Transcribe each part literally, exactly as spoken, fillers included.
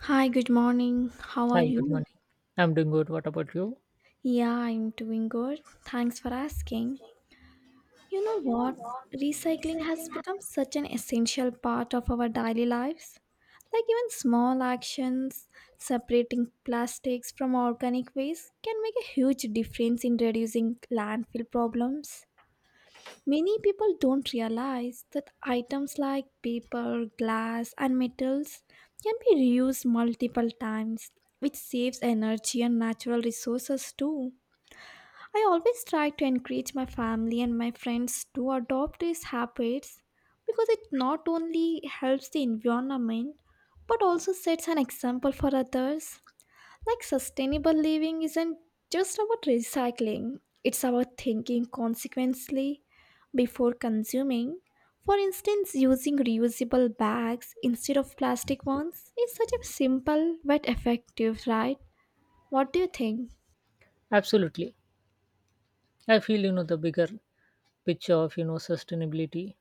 Hi, good morning. How are Hi, good you? morning. I'm doing good. What about you? Yeah, I'm doing good. Thanks for asking. You know what? Recycling has become such an essential part of our daily lives. Like, even small actions, separating plastics from organic waste, can make a huge difference in reducing landfill problems. Many people don't realize that items like paper, glass, and metals can be reused multiple times, which saves energy and natural resources too. I always try to encourage my family and my friends to adopt these habits because it not only helps the environment but also sets an example for others. Like sustainable living isn't just about recycling, it's about thinking consequently before consuming. For instance, using reusable bags instead of plastic ones is such a simple but effective, right? What do you think? Absolutely. I feel you know the bigger picture of you know sustainability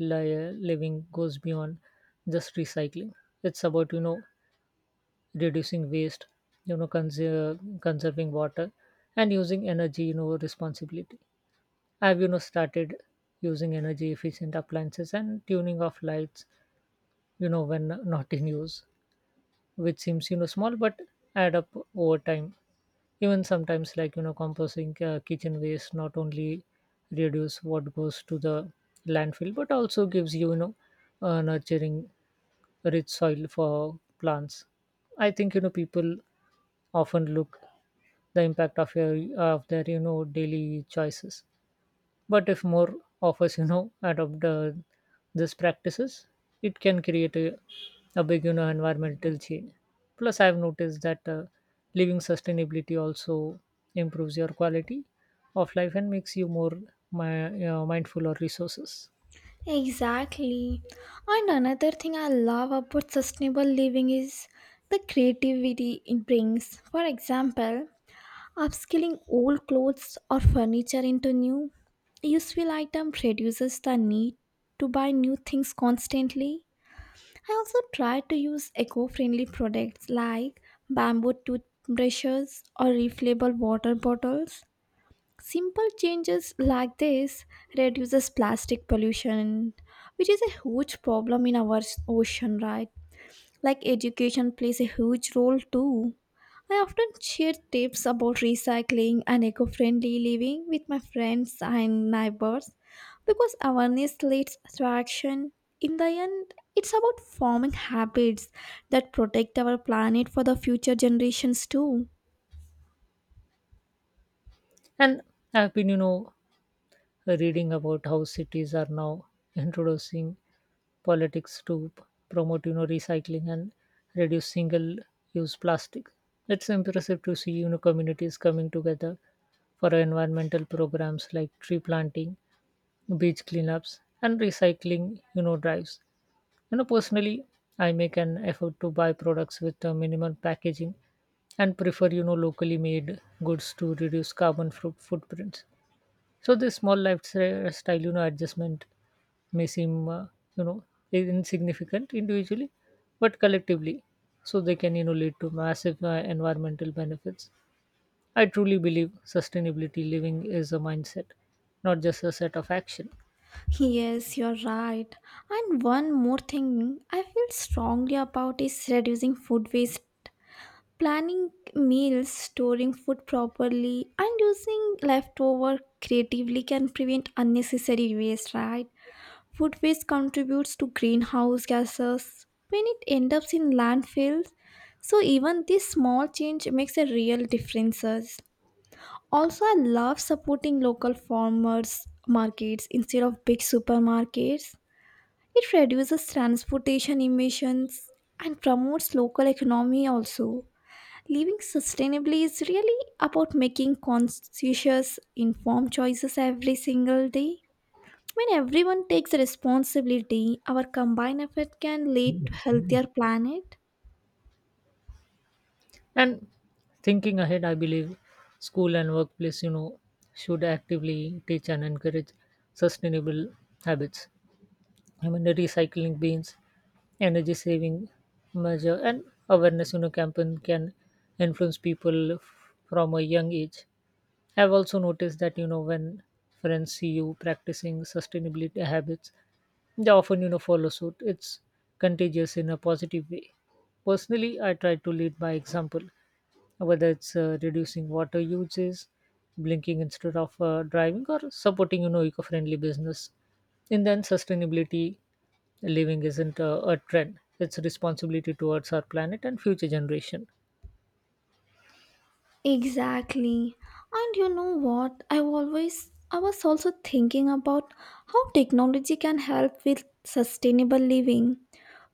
li- living goes beyond just recycling. It's about you know reducing waste, you know conser- conserving water, and using energy you know responsibility. I've you know started using energy efficient appliances and tuning off lights you know when not in use, which seems you know small but add up over time. Even sometimes, like, you know composting uh, kitchen waste not only reduce what goes to the landfill but also gives you, you know uh, nurturing rich soil for plants. I think you know people often look the impact of your of their you know daily choices, but if more of us, you know, adopt uh, these practices, it can create a, a big, you know, environmental change. Plus, I've noticed that uh, living sustainability also improves your quality of life and makes you more my, you know, mindful or resources. Exactly. And another thing I love about sustainable living is the creativity it brings. For example, upscaling old clothes or furniture into new, useful item reduces the need to buy new things constantly. I also try to use eco-friendly products like bamboo toothbrushes or refillable water bottles. Simple changes like this reduces plastic pollution, which is a huge problem in our ocean, right? Like education plays a huge role too. I often share tips about recycling and eco friendly living with my friends and neighbors because awareness leads to action. In the end, it's about forming habits that protect our planet for the future generations too. And I've been, you know, reading about how cities are now introducing politics to p- promote you know recycling and reduce single use plastic. It's impressive to see you know communities coming together for environmental programs like tree planting, beach cleanups, and recycling you know drives. You know personally, I make an effort to buy products with uh, minimal packaging and prefer you know locally made goods to reduce carbon fru- footprints. So this small lifestyle you know adjustment may seem, uh, you know, insignificant individually, but collectively, so they can, you know, lead to massive uh, environmental benefits. I truly believe sustainability living is a mindset, not just a set of action. Yes, you're right. And one more thing I feel strongly about is reducing food waste planning meals, storing food properly, and using leftover creatively can prevent unnecessary waste, right? Food waste contributes to greenhouse gases when it ends up in landfills. So even this small change makes a real differences. Also, I love supporting local farmers markets instead of big supermarkets. It reduces transportation emissions and promotes local economy also. Living sustainably is really about making conscientious, informed choices every single day. When everyone takes responsibility, our combined effort can lead to healthier planet. And thinking ahead, I believe school and workplace, you know, should actively teach and encourage sustainable habits. I mean, recycling bins, energy saving measure, and awareness you know campaign can influence people f- from a young age. I've also noticed that you know when friends see you practicing sustainability habits, they often you know follow suit. It's contagious in a positive way. Personally, I try to lead by example, whether it's uh, reducing water uses, blinking instead of uh, driving, or supporting you know eco-friendly business. And then sustainability living isn't a, a trend, it's a responsibility towards our planet and future generation. Exactly. And you know what? I always I was also thinking about how technology can help with sustainable living.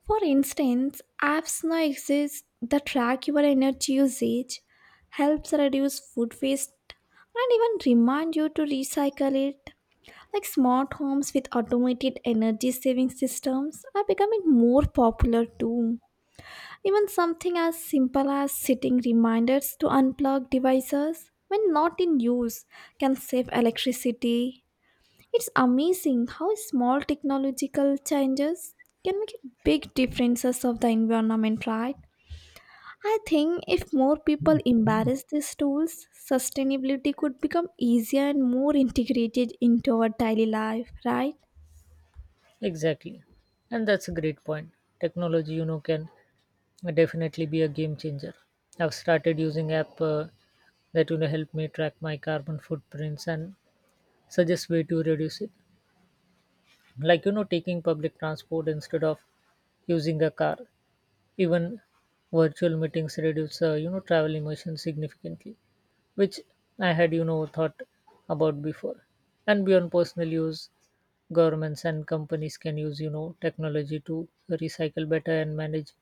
For instance, apps now exist that track your energy usage, helps reduce food waste, and even remind you to recycle it. Like smart homes with automated energy saving systems are becoming more popular too. Even something as simple as setting reminders to unplug devices when not in use can save electricity. It's amazing how small technological changes can make big differences of the environment, right? I think if more people embrace these tools, sustainability could become easier and more integrated into our daily life, right? Exactly. And that's a great point. Technology, you know, can definitely be a game changer. I've started using app uh, that you know help me track my carbon footprints and suggest way to reduce it. Like, you know, taking public transport instead of using a car. Even virtual meetings reduce uh, you know travel emissions significantly, which I had, you know, thought about before. And beyond personal use, governments and companies can use, you know, technology to recycle better and manage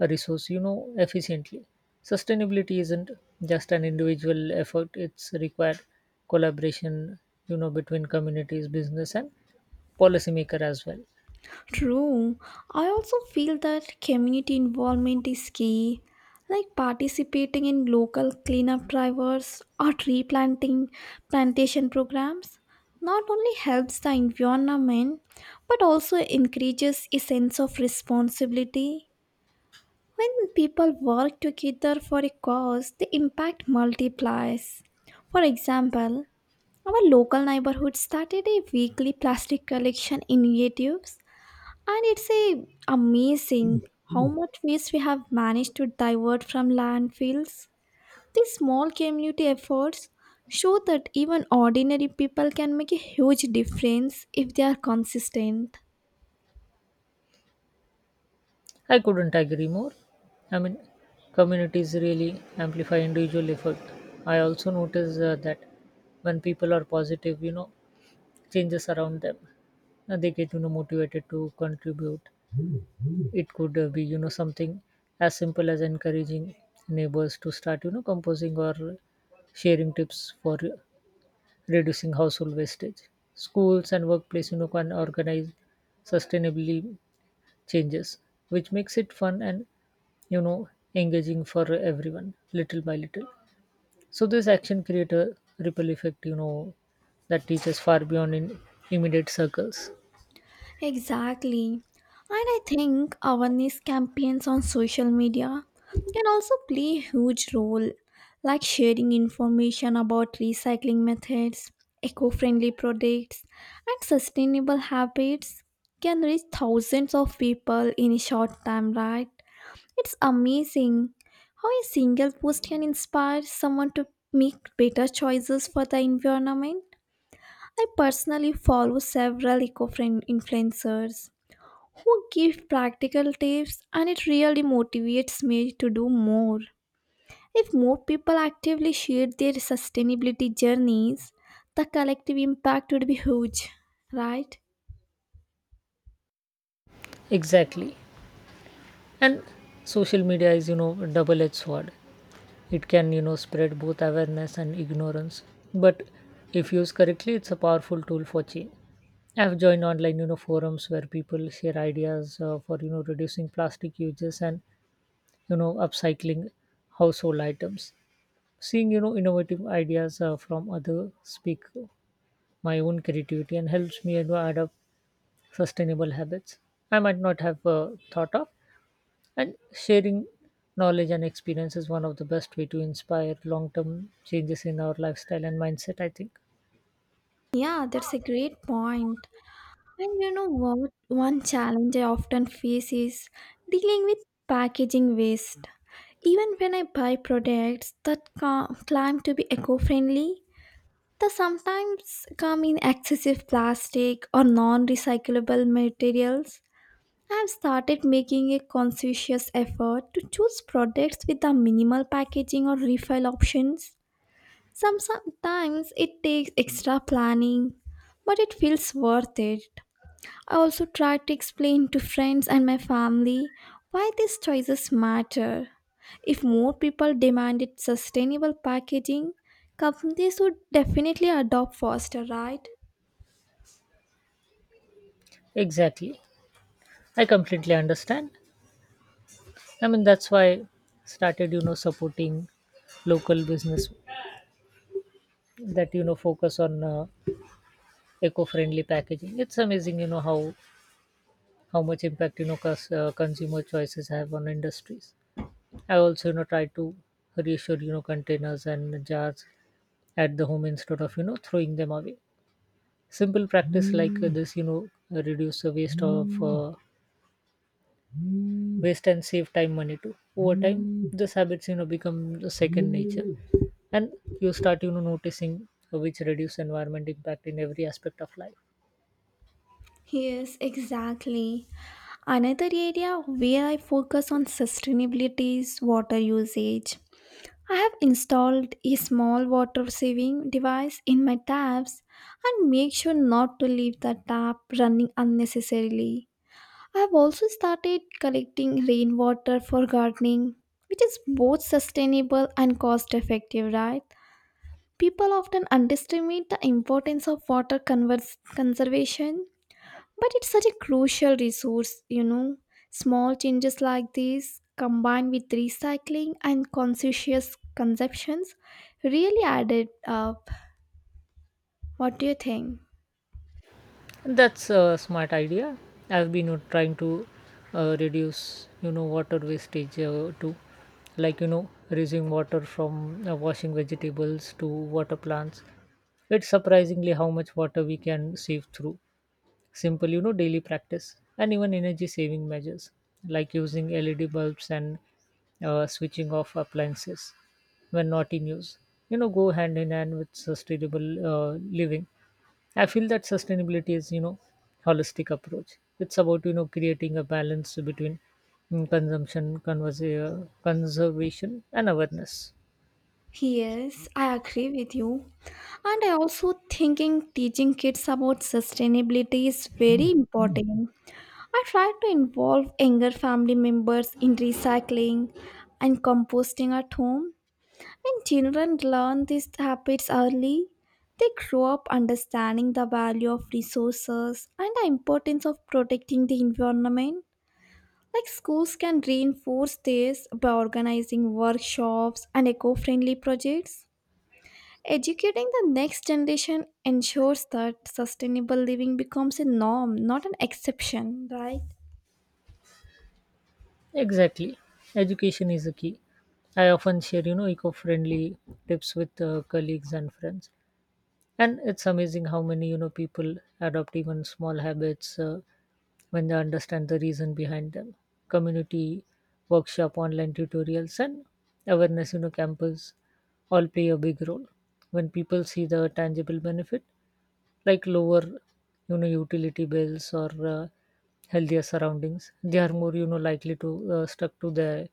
a resource, you know, efficiently. Sustainability isn't just an individual effort, it's required collaboration, you know, between communities, business, and policymaker as well. True. I also feel that community involvement is key, like participating in local cleanup drivers or tree planting plantation programs. Not only helps the environment but also encourages a sense of responsibility. When people work together for a cause, the impact multiplies. For example, our local neighborhood started a weekly plastic collection initiatives and it's a amazing how much waste we have managed to divert from landfills. These small community efforts show that even ordinary people can make a huge difference if they are consistent. I couldn't agree more. I mean, communities really amplify individual effort. I also notice uh, that when people are positive, you know, changes around them, uh, they get, you know, motivated to contribute. It could uh, be, you know, something as simple as encouraging neighbors to start, you know, composing or sharing tips for reducing household wastage. Schools and workplace, you know, can organize sustainably changes, which makes it fun and you know engaging for everyone. Little by little, so this action create a ripple effect you know that reaches far beyond in immediate circles. Exactly. And I think awareness campaigns on social media can also play a huge role, like sharing information about recycling methods, eco friendly products, and sustainable habits can reach thousands of people in a short time, right? It's amazing how a single post can inspire someone to make better choices for the environment. I personally follow several eco friendly influencers who give practical tips and it really motivates me to do more. If more people actively shared their sustainability journeys, the collective impact would be huge, right? Exactly. And social media is you know a double-edged sword. It can you know spread both awareness and ignorance, but if used correctly, it's a powerful tool for change. I've joined online you know forums where people share ideas uh, for you know reducing plastic uses and you know upcycling household items. Seeing you know innovative ideas uh, from other speak my own creativity and helps me you know, add up sustainable habits I might not have uh, thought of. And sharing knowledge and experience is one of the best way to inspire long-term changes in our lifestyle and mindset, I think. Yeah, that's a great point. And you know what? One challenge I often face is dealing with packaging waste. Even when I buy products that ca- claim to be eco friendly, they sometimes come in excessive plastic or non recyclable materials. I have started making a conscientious effort to choose products with the minimal packaging or refill options. Some, sometimes it takes extra planning, but it feels worth it. I also try to explain to friends and my family why these choices matter. If more people demanded sustainable packaging, companies would definitely adopt faster, right? Exactly. I completely understand. I mean, that's why I started you know supporting local business that you know focus on uh, eco-friendly packaging. It's amazing you know how how much impact you know cus- uh, consumer choices have on industries. I also you know try to reassure you know containers and jars at the home instead of you know throwing them away. Simple practice like uh, this you know reduce the waste of uh, waste and save time money too. Over time, these habits you know become the second nature, and you start you know noticing which reduce environment impact in every aspect of life. Yes, exactly. Another area where I focus on sustainability is water usage. I have installed a small water saving device in my taps and make sure not to leave the tap running unnecessarily. I've also started collecting rainwater for gardening, which is both sustainable and cost effective, right? People often underestimate the importance of water convers- conservation, but it's such a crucial resource, you know. Small changes like these, combined with recycling and conscientious consumptions, really added up. What do you think? That's a smart idea. I've been uh, trying to uh, reduce, you know, water wastage uh, too, like, you know, reusing water from uh, washing vegetables to water plants. It's surprisingly how much water we can save through simple, you know, daily practice. And even energy saving measures like using L E D bulbs and uh, switching off appliances when not in use, You know, go hand in hand with sustainable uh, living. I feel that sustainability is, you know, holistic approach. It's about you know creating a balance between mm, consumption, convers- uh, conservation, and awareness. Yes, I agree with you. And I also thinking teaching kids about sustainability is very important. I try to involve younger family members in recycling and composting at home. When children learn these habits early, they grow up understanding the value of resources and the importance of protecting the environment. Like schools can reinforce this by organizing workshops and eco-friendly projects. Educating the next generation ensures that sustainable living becomes a norm, not an exception, right? Exactly, education is the key. I often share you know eco-friendly tips with uh, colleagues and friends, and it's amazing how many you know people adopt even small habits uh, when they understand the reason behind them. Community workshop, online tutorials, and awareness you know campus all play a big role. When people see the tangible benefit, like lower you know utility bills or uh, healthier surroundings, they are more you know likely to uh, stuck to their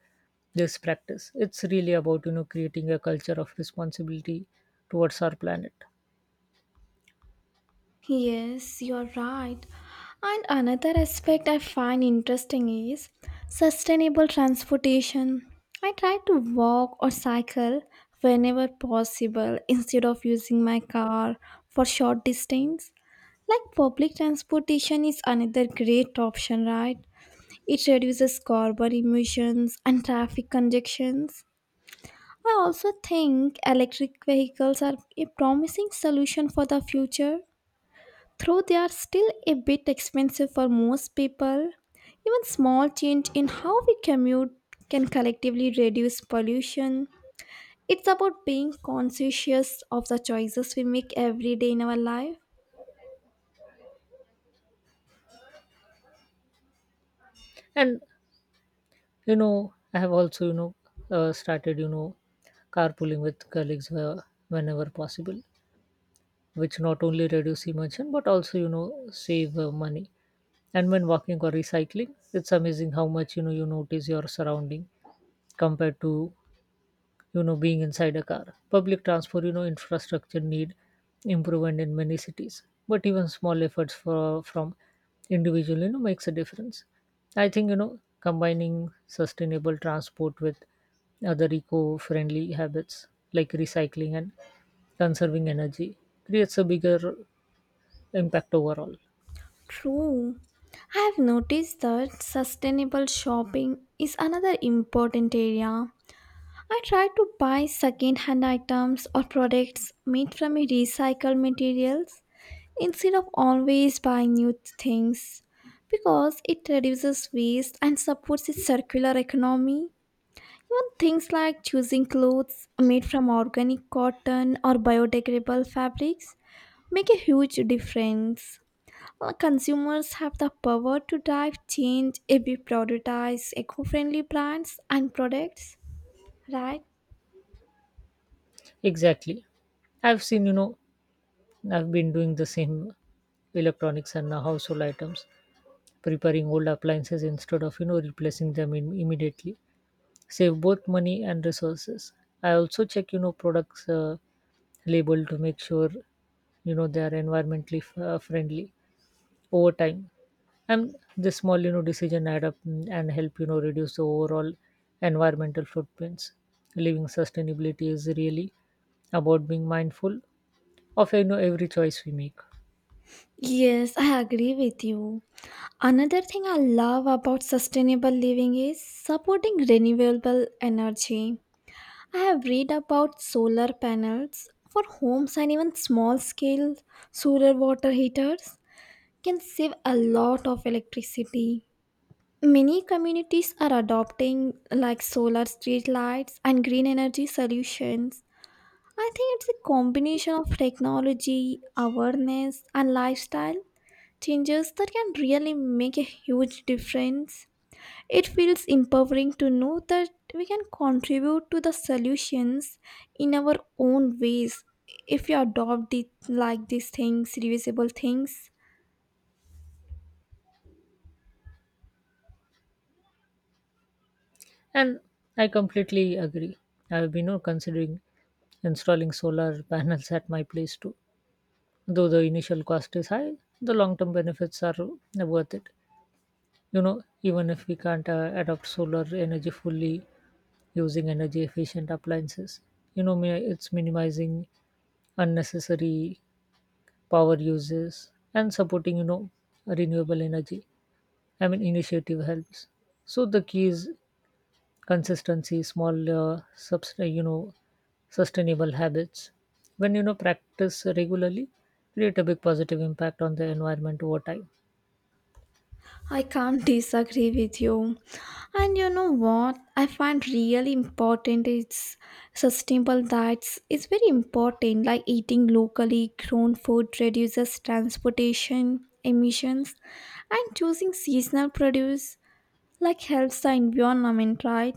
this practice. It's really about you know creating a culture of responsibility towards our planet. Yes, you're right. And another aspect I find interesting is sustainable transportation. I try to walk or cycle whenever possible instead of using my car for short distance. Like public transportation is another great option, right? It reduces carbon emissions and traffic congestions. I also think electric vehicles are a promising solution for the future, though they are still a bit expensive for most people. Even small change in how we commute can collectively reduce pollution. It's about being conscientious of the choices we make every day in our life. And, You know, I have also, you know, uh, started, you know, carpooling with colleagues uh, whenever possible, which not only reduce emission but also, you know, save uh, money. And when walking or recycling, it's amazing how much, you know, you notice your surrounding compared to you know being inside a car. Public transport you know infrastructure need improvement in many cities, but even small efforts for, from individual you know makes a difference. I think you know combining sustainable transport with other eco-friendly habits like recycling and conserving energy creates a bigger impact overall. True. I have noticed that sustainable shopping is another important area. I try to buy second-hand items or products made from recycled materials instead of always buying new things because it reduces waste and supports a circular economy. Even things like choosing clothes made from organic cotton or biodegradable fabrics make a huge difference. Uh, Consumers have the power to drive change if we prioritize eco-friendly brands and products, right? Exactly. I've seen you know I've been doing the same. Electronics and uh, household items, preparing old appliances instead of you know replacing them im- immediately save both money and resources. I also check you know products uh, label to make sure you know they are environmentally f- uh, friendly over time. And this small you know decision add up, mm, and help you know reduce the overall environmental footprints. Living sustainability is really about being mindful of you know every choice we make. Yes, I agree with you. Another thing I love about sustainable living is supporting renewable energy. I have read about solar panels for homes and even small scale solar water heaters can save a lot of electricity. Many communities are adopting like solar street lights and green energy solutions. I think it's a combination of technology, awareness and lifestyle changes that can really make a huge difference. It feels empowering to know that we can contribute to the solutions in our own ways if we adopt it like these things, reusable things. And I completely agree. I've been you know, considering installing solar panels at my place too. Though the initial cost is high, the long term benefits are worth it. You know, even if we can't uh, adopt solar energy fully, using energy efficient appliances, you know, mi- it's minimizing unnecessary power uses and supporting, you know, renewable energy. I mean, initiative helps. So the key is consistency. Small uh, subs- uh, you know sustainable habits, when you know practice regularly, create a big positive impact on the environment over time. I can't disagree with you. And you know what I find really important is sustainable diets. It's very important like eating locally grown food reduces transportation emissions and choosing seasonal produce like helps the environment, right?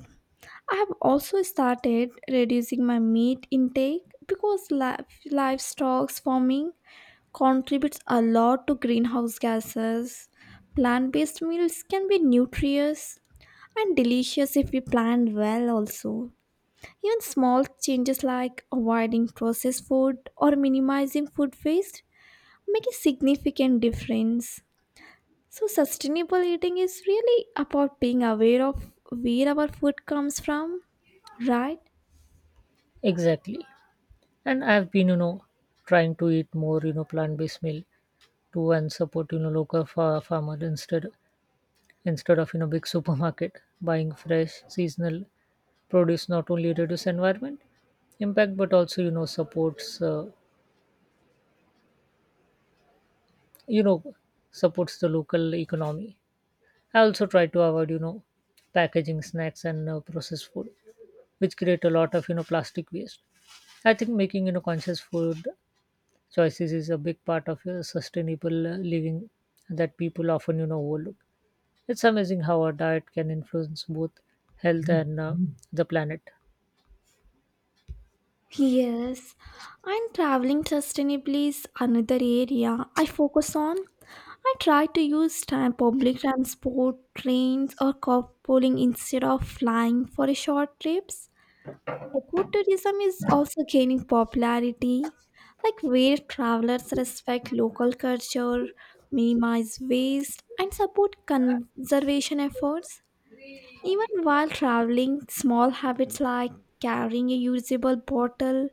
I have also started reducing my meat intake because li- livestock farming contributes a lot to greenhouse gases. Plant based meals can be nutritious and delicious if we plan well, also. Even small changes like avoiding processed food or minimizing food waste make a significant difference. So, sustainable eating is really about being aware of where our food comes from, right? Exactly. And I've been, you know trying to eat more, you know plant-based meal to, and support you know local fa- farmer instead instead of you know big supermarket. Buying fresh seasonal produce not only reduce environment impact but also you know supports uh, you know supports the local economy. I also try to avoid, you know, packaging snacks and uh, processed food, which create a lot of, you know, plastic waste. I think making, you know, conscious food choices is a big part of uh, sustainable uh, living that people often, you know, overlook. It's amazing how our diet can influence both health and uh, the planet. Yes, and traveling sustainably is another area I focus on. I try to use time, public transport, trains, or carpooling instead of flying for a short trips. Ecotourism is also gaining popularity, like where travelers respect local culture, minimize waste, and support conservation efforts. Even while traveling, small habits like carrying a usable bottle,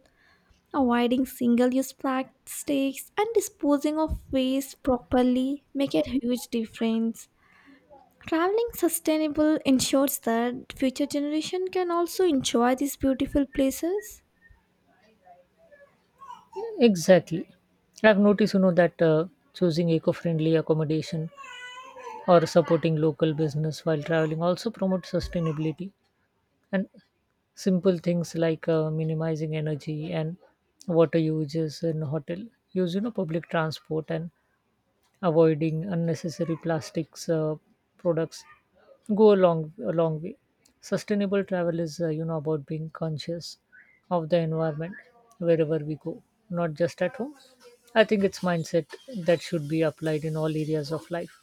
avoiding single-use plastics and disposing of waste properly make a huge difference. Traveling sustainable ensures that future generation can also enjoy these beautiful places. Exactly. I've noticed, you know, that uh, choosing eco-friendly accommodation or supporting local business while traveling also promotes sustainability. And simple things like uh, minimizing energy and water uses in hotel, use you know public transport, and avoiding unnecessary plastics uh, products go a long a long way. Sustainable travel is uh, you know about being conscious of the environment wherever we go, not just at home. I think it's mindset that should be applied in all areas of life.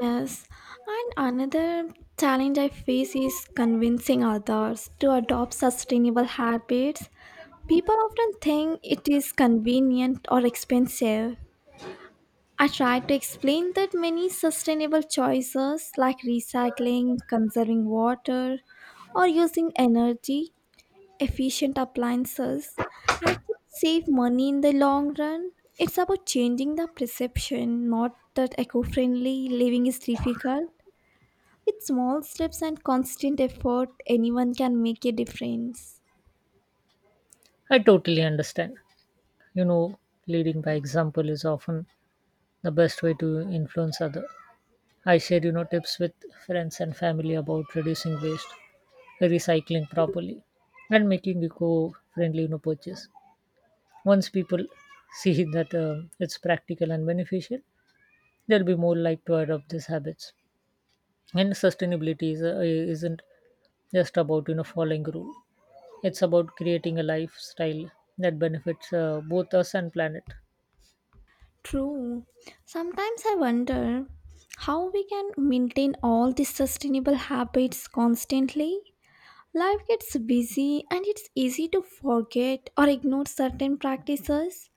Yes, and another challenge I face is convincing others to adopt sustainable habits. People often think it is convenient or expensive. I tried to explain that many sustainable choices like recycling, conserving water, or using energy efficient appliances actually save money in the long run. It's about changing the perception, not that eco friendly living is difficult. With small steps and constant effort, anyone can make a difference. I totally understand. You know, leading by example is often the best way to influence others. I share you know tips with friends and family about reducing waste, recycling properly, and making eco-friendly you know purchase. Once people see that um it's practical and beneficial, they'll be more likely to adopt these habits. And sustainability is, uh, isn't just about you know following rule. It's about creating a lifestyle that benefits uh, both us and planet. True. Sometimes I wonder how we can maintain all these sustainable habits constantly. Life gets busy and it's easy to forget or ignore certain practices.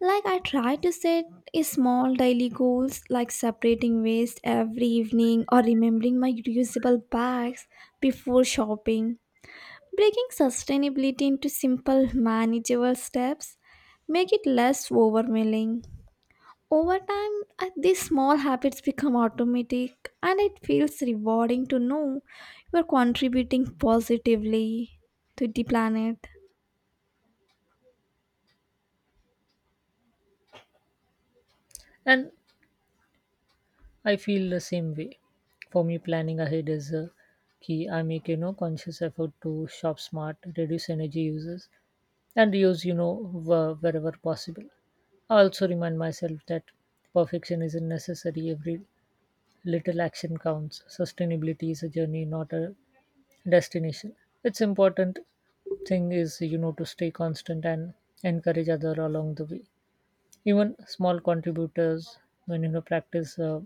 Like I try to set a small daily goals like separating waste every evening or remembering my reusable bags before shopping. Breaking sustainability into simple manageable steps make it less overwhelming. Over time, I- these small habits become automatic, and it feels rewarding to know you are contributing positively to the planet. And I feel the same way. For me, planning ahead is a key. I make you know conscious effort to shop smart, reduce energy uses, and reuse you know wh- wherever possible. I also remind myself that perfection isn't necessary. Every little action counts. Sustainability is a journey, not a destination. It's important thing is you know to stay constant and encourage other along the way. Even small contributors, when you know practice uh,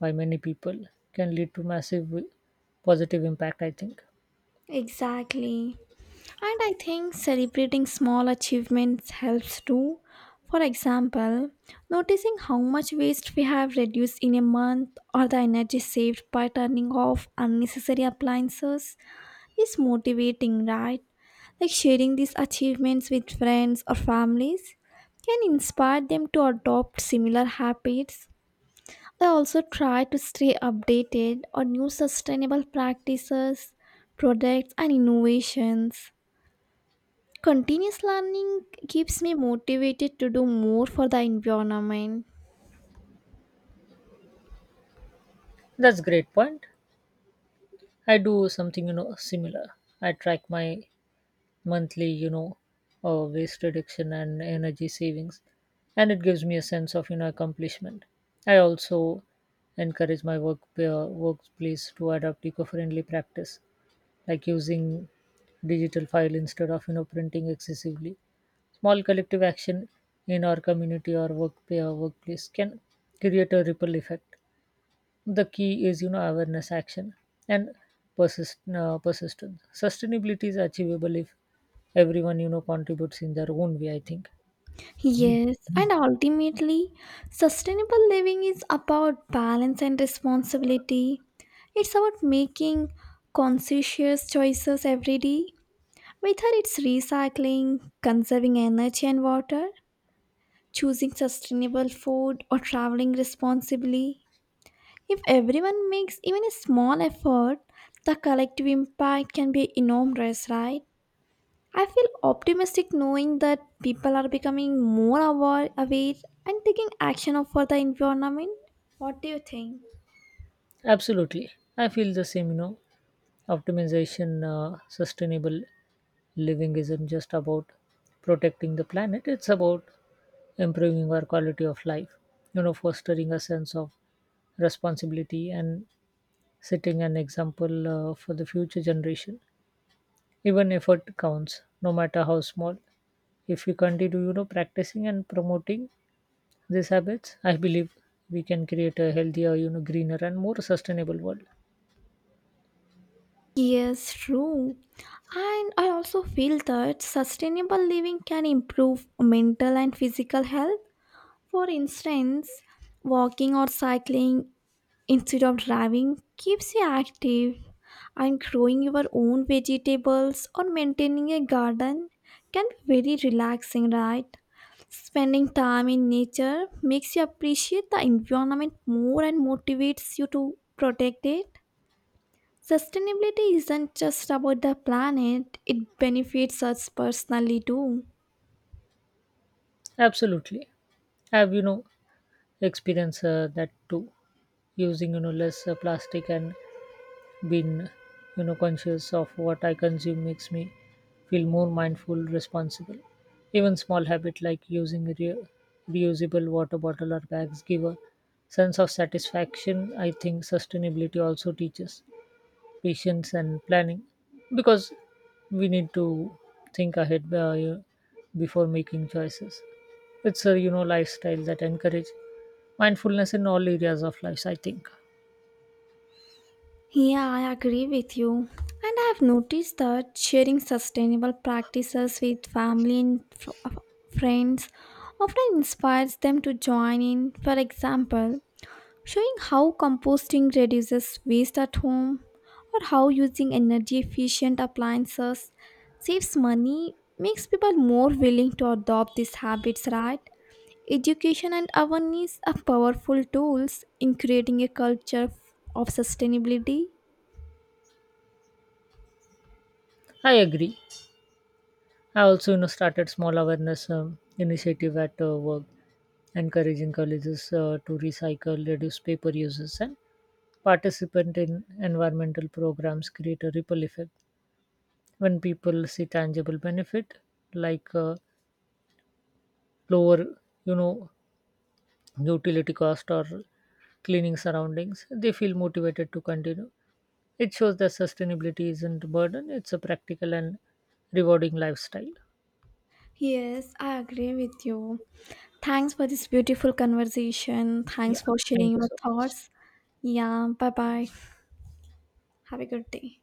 by many people, can lead to massive wi- positive impact, I think. Exactly. And I think celebrating small achievements helps too. For example, noticing how much waste we have reduced in a month or the energy saved by turning off unnecessary appliances is motivating, right? Like sharing these achievements with friends or families can inspire them to adopt similar habits. I also try to stay updated on new sustainable practices, products, and innovations. Continuous learning keeps me motivated to do more for the environment. That's great point. I do something you know similar. I track my monthly you know uh, waste reduction and energy savings, and it gives me a sense of you know accomplishment. I also encourage my work uh, workplace to adopt eco-friendly practice, like using digital file instead of you know printing excessively. Small collective action in our community or work or workplace can create a ripple effect. The key is you know awareness, action, and persist, uh, persistence. Sustainability is achievable if everyone you know contributes in their own way, I think. Yes, and ultimately, sustainable living is about balance and responsibility. It's about making conscientious choices every day, whether it's recycling, conserving energy and water, choosing sustainable food, or traveling responsibly. If everyone makes even a small effort, the collective impact can be enormous, right? I feel optimistic knowing that people are becoming more aware, aware and taking action for the environment. What do you think? Absolutely. I feel the same, you know. Optimization, uh, sustainable living isn't just about protecting the planet, it's about improving our quality of life, you know, fostering a sense of responsibility and setting an example uh, for the future generation. Even effort counts, no matter how small. If we continue, you know, practicing and promoting these habits, I believe we can create a healthier, you know, greener and more sustainable world. Yes, true. And I also feel that sustainable living can improve mental and physical health. For instance, walking or cycling instead of driving keeps you active and growing your own vegetables or maintaining a garden can be very relaxing, right? Spending time in nature makes you appreciate the environment more and motivates you to protect it. Sustainability isn't just about the planet, it benefits us personally too. Absolutely. I've, you know, experienced uh, that too, using, you know, less uh, plastic and being, you know, conscious of what I consume makes me feel more mindful, responsible. Even small habit like using re- reusable water bottle or bags give a sense of satisfaction. I think sustainability also teaches patience and planning because we need to think ahead uh, you- before making choices. It's a you know lifestyle that encourage mindfulness in all areas of life, I think. Yeah, I agree with you. And I have noticed that sharing sustainable practices with family and fr- uh, friends often inspires them to join in. For example, showing how composting reduces waste at home or how using energy efficient appliances saves money makes people more willing to adopt these habits, right? Education and awareness are powerful tools in creating a culture of sustainability. I agree. I also you know started small awareness um, initiative at uh, work, encouraging colleges uh, to recycle, reduce paper uses, and participant in environmental programs create a ripple effect. When people see tangible benefit, like uh, lower you know utility cost or cleaning surroundings, they feel motivated to continue. It shows that sustainability isn't a burden, it's a practical and rewarding lifestyle. Yes, I agree with you. Thanks for this beautiful conversation. Yeah, Thanks for sharing thank you your so much. thoughts. Yeah, bye bye. Have a good day.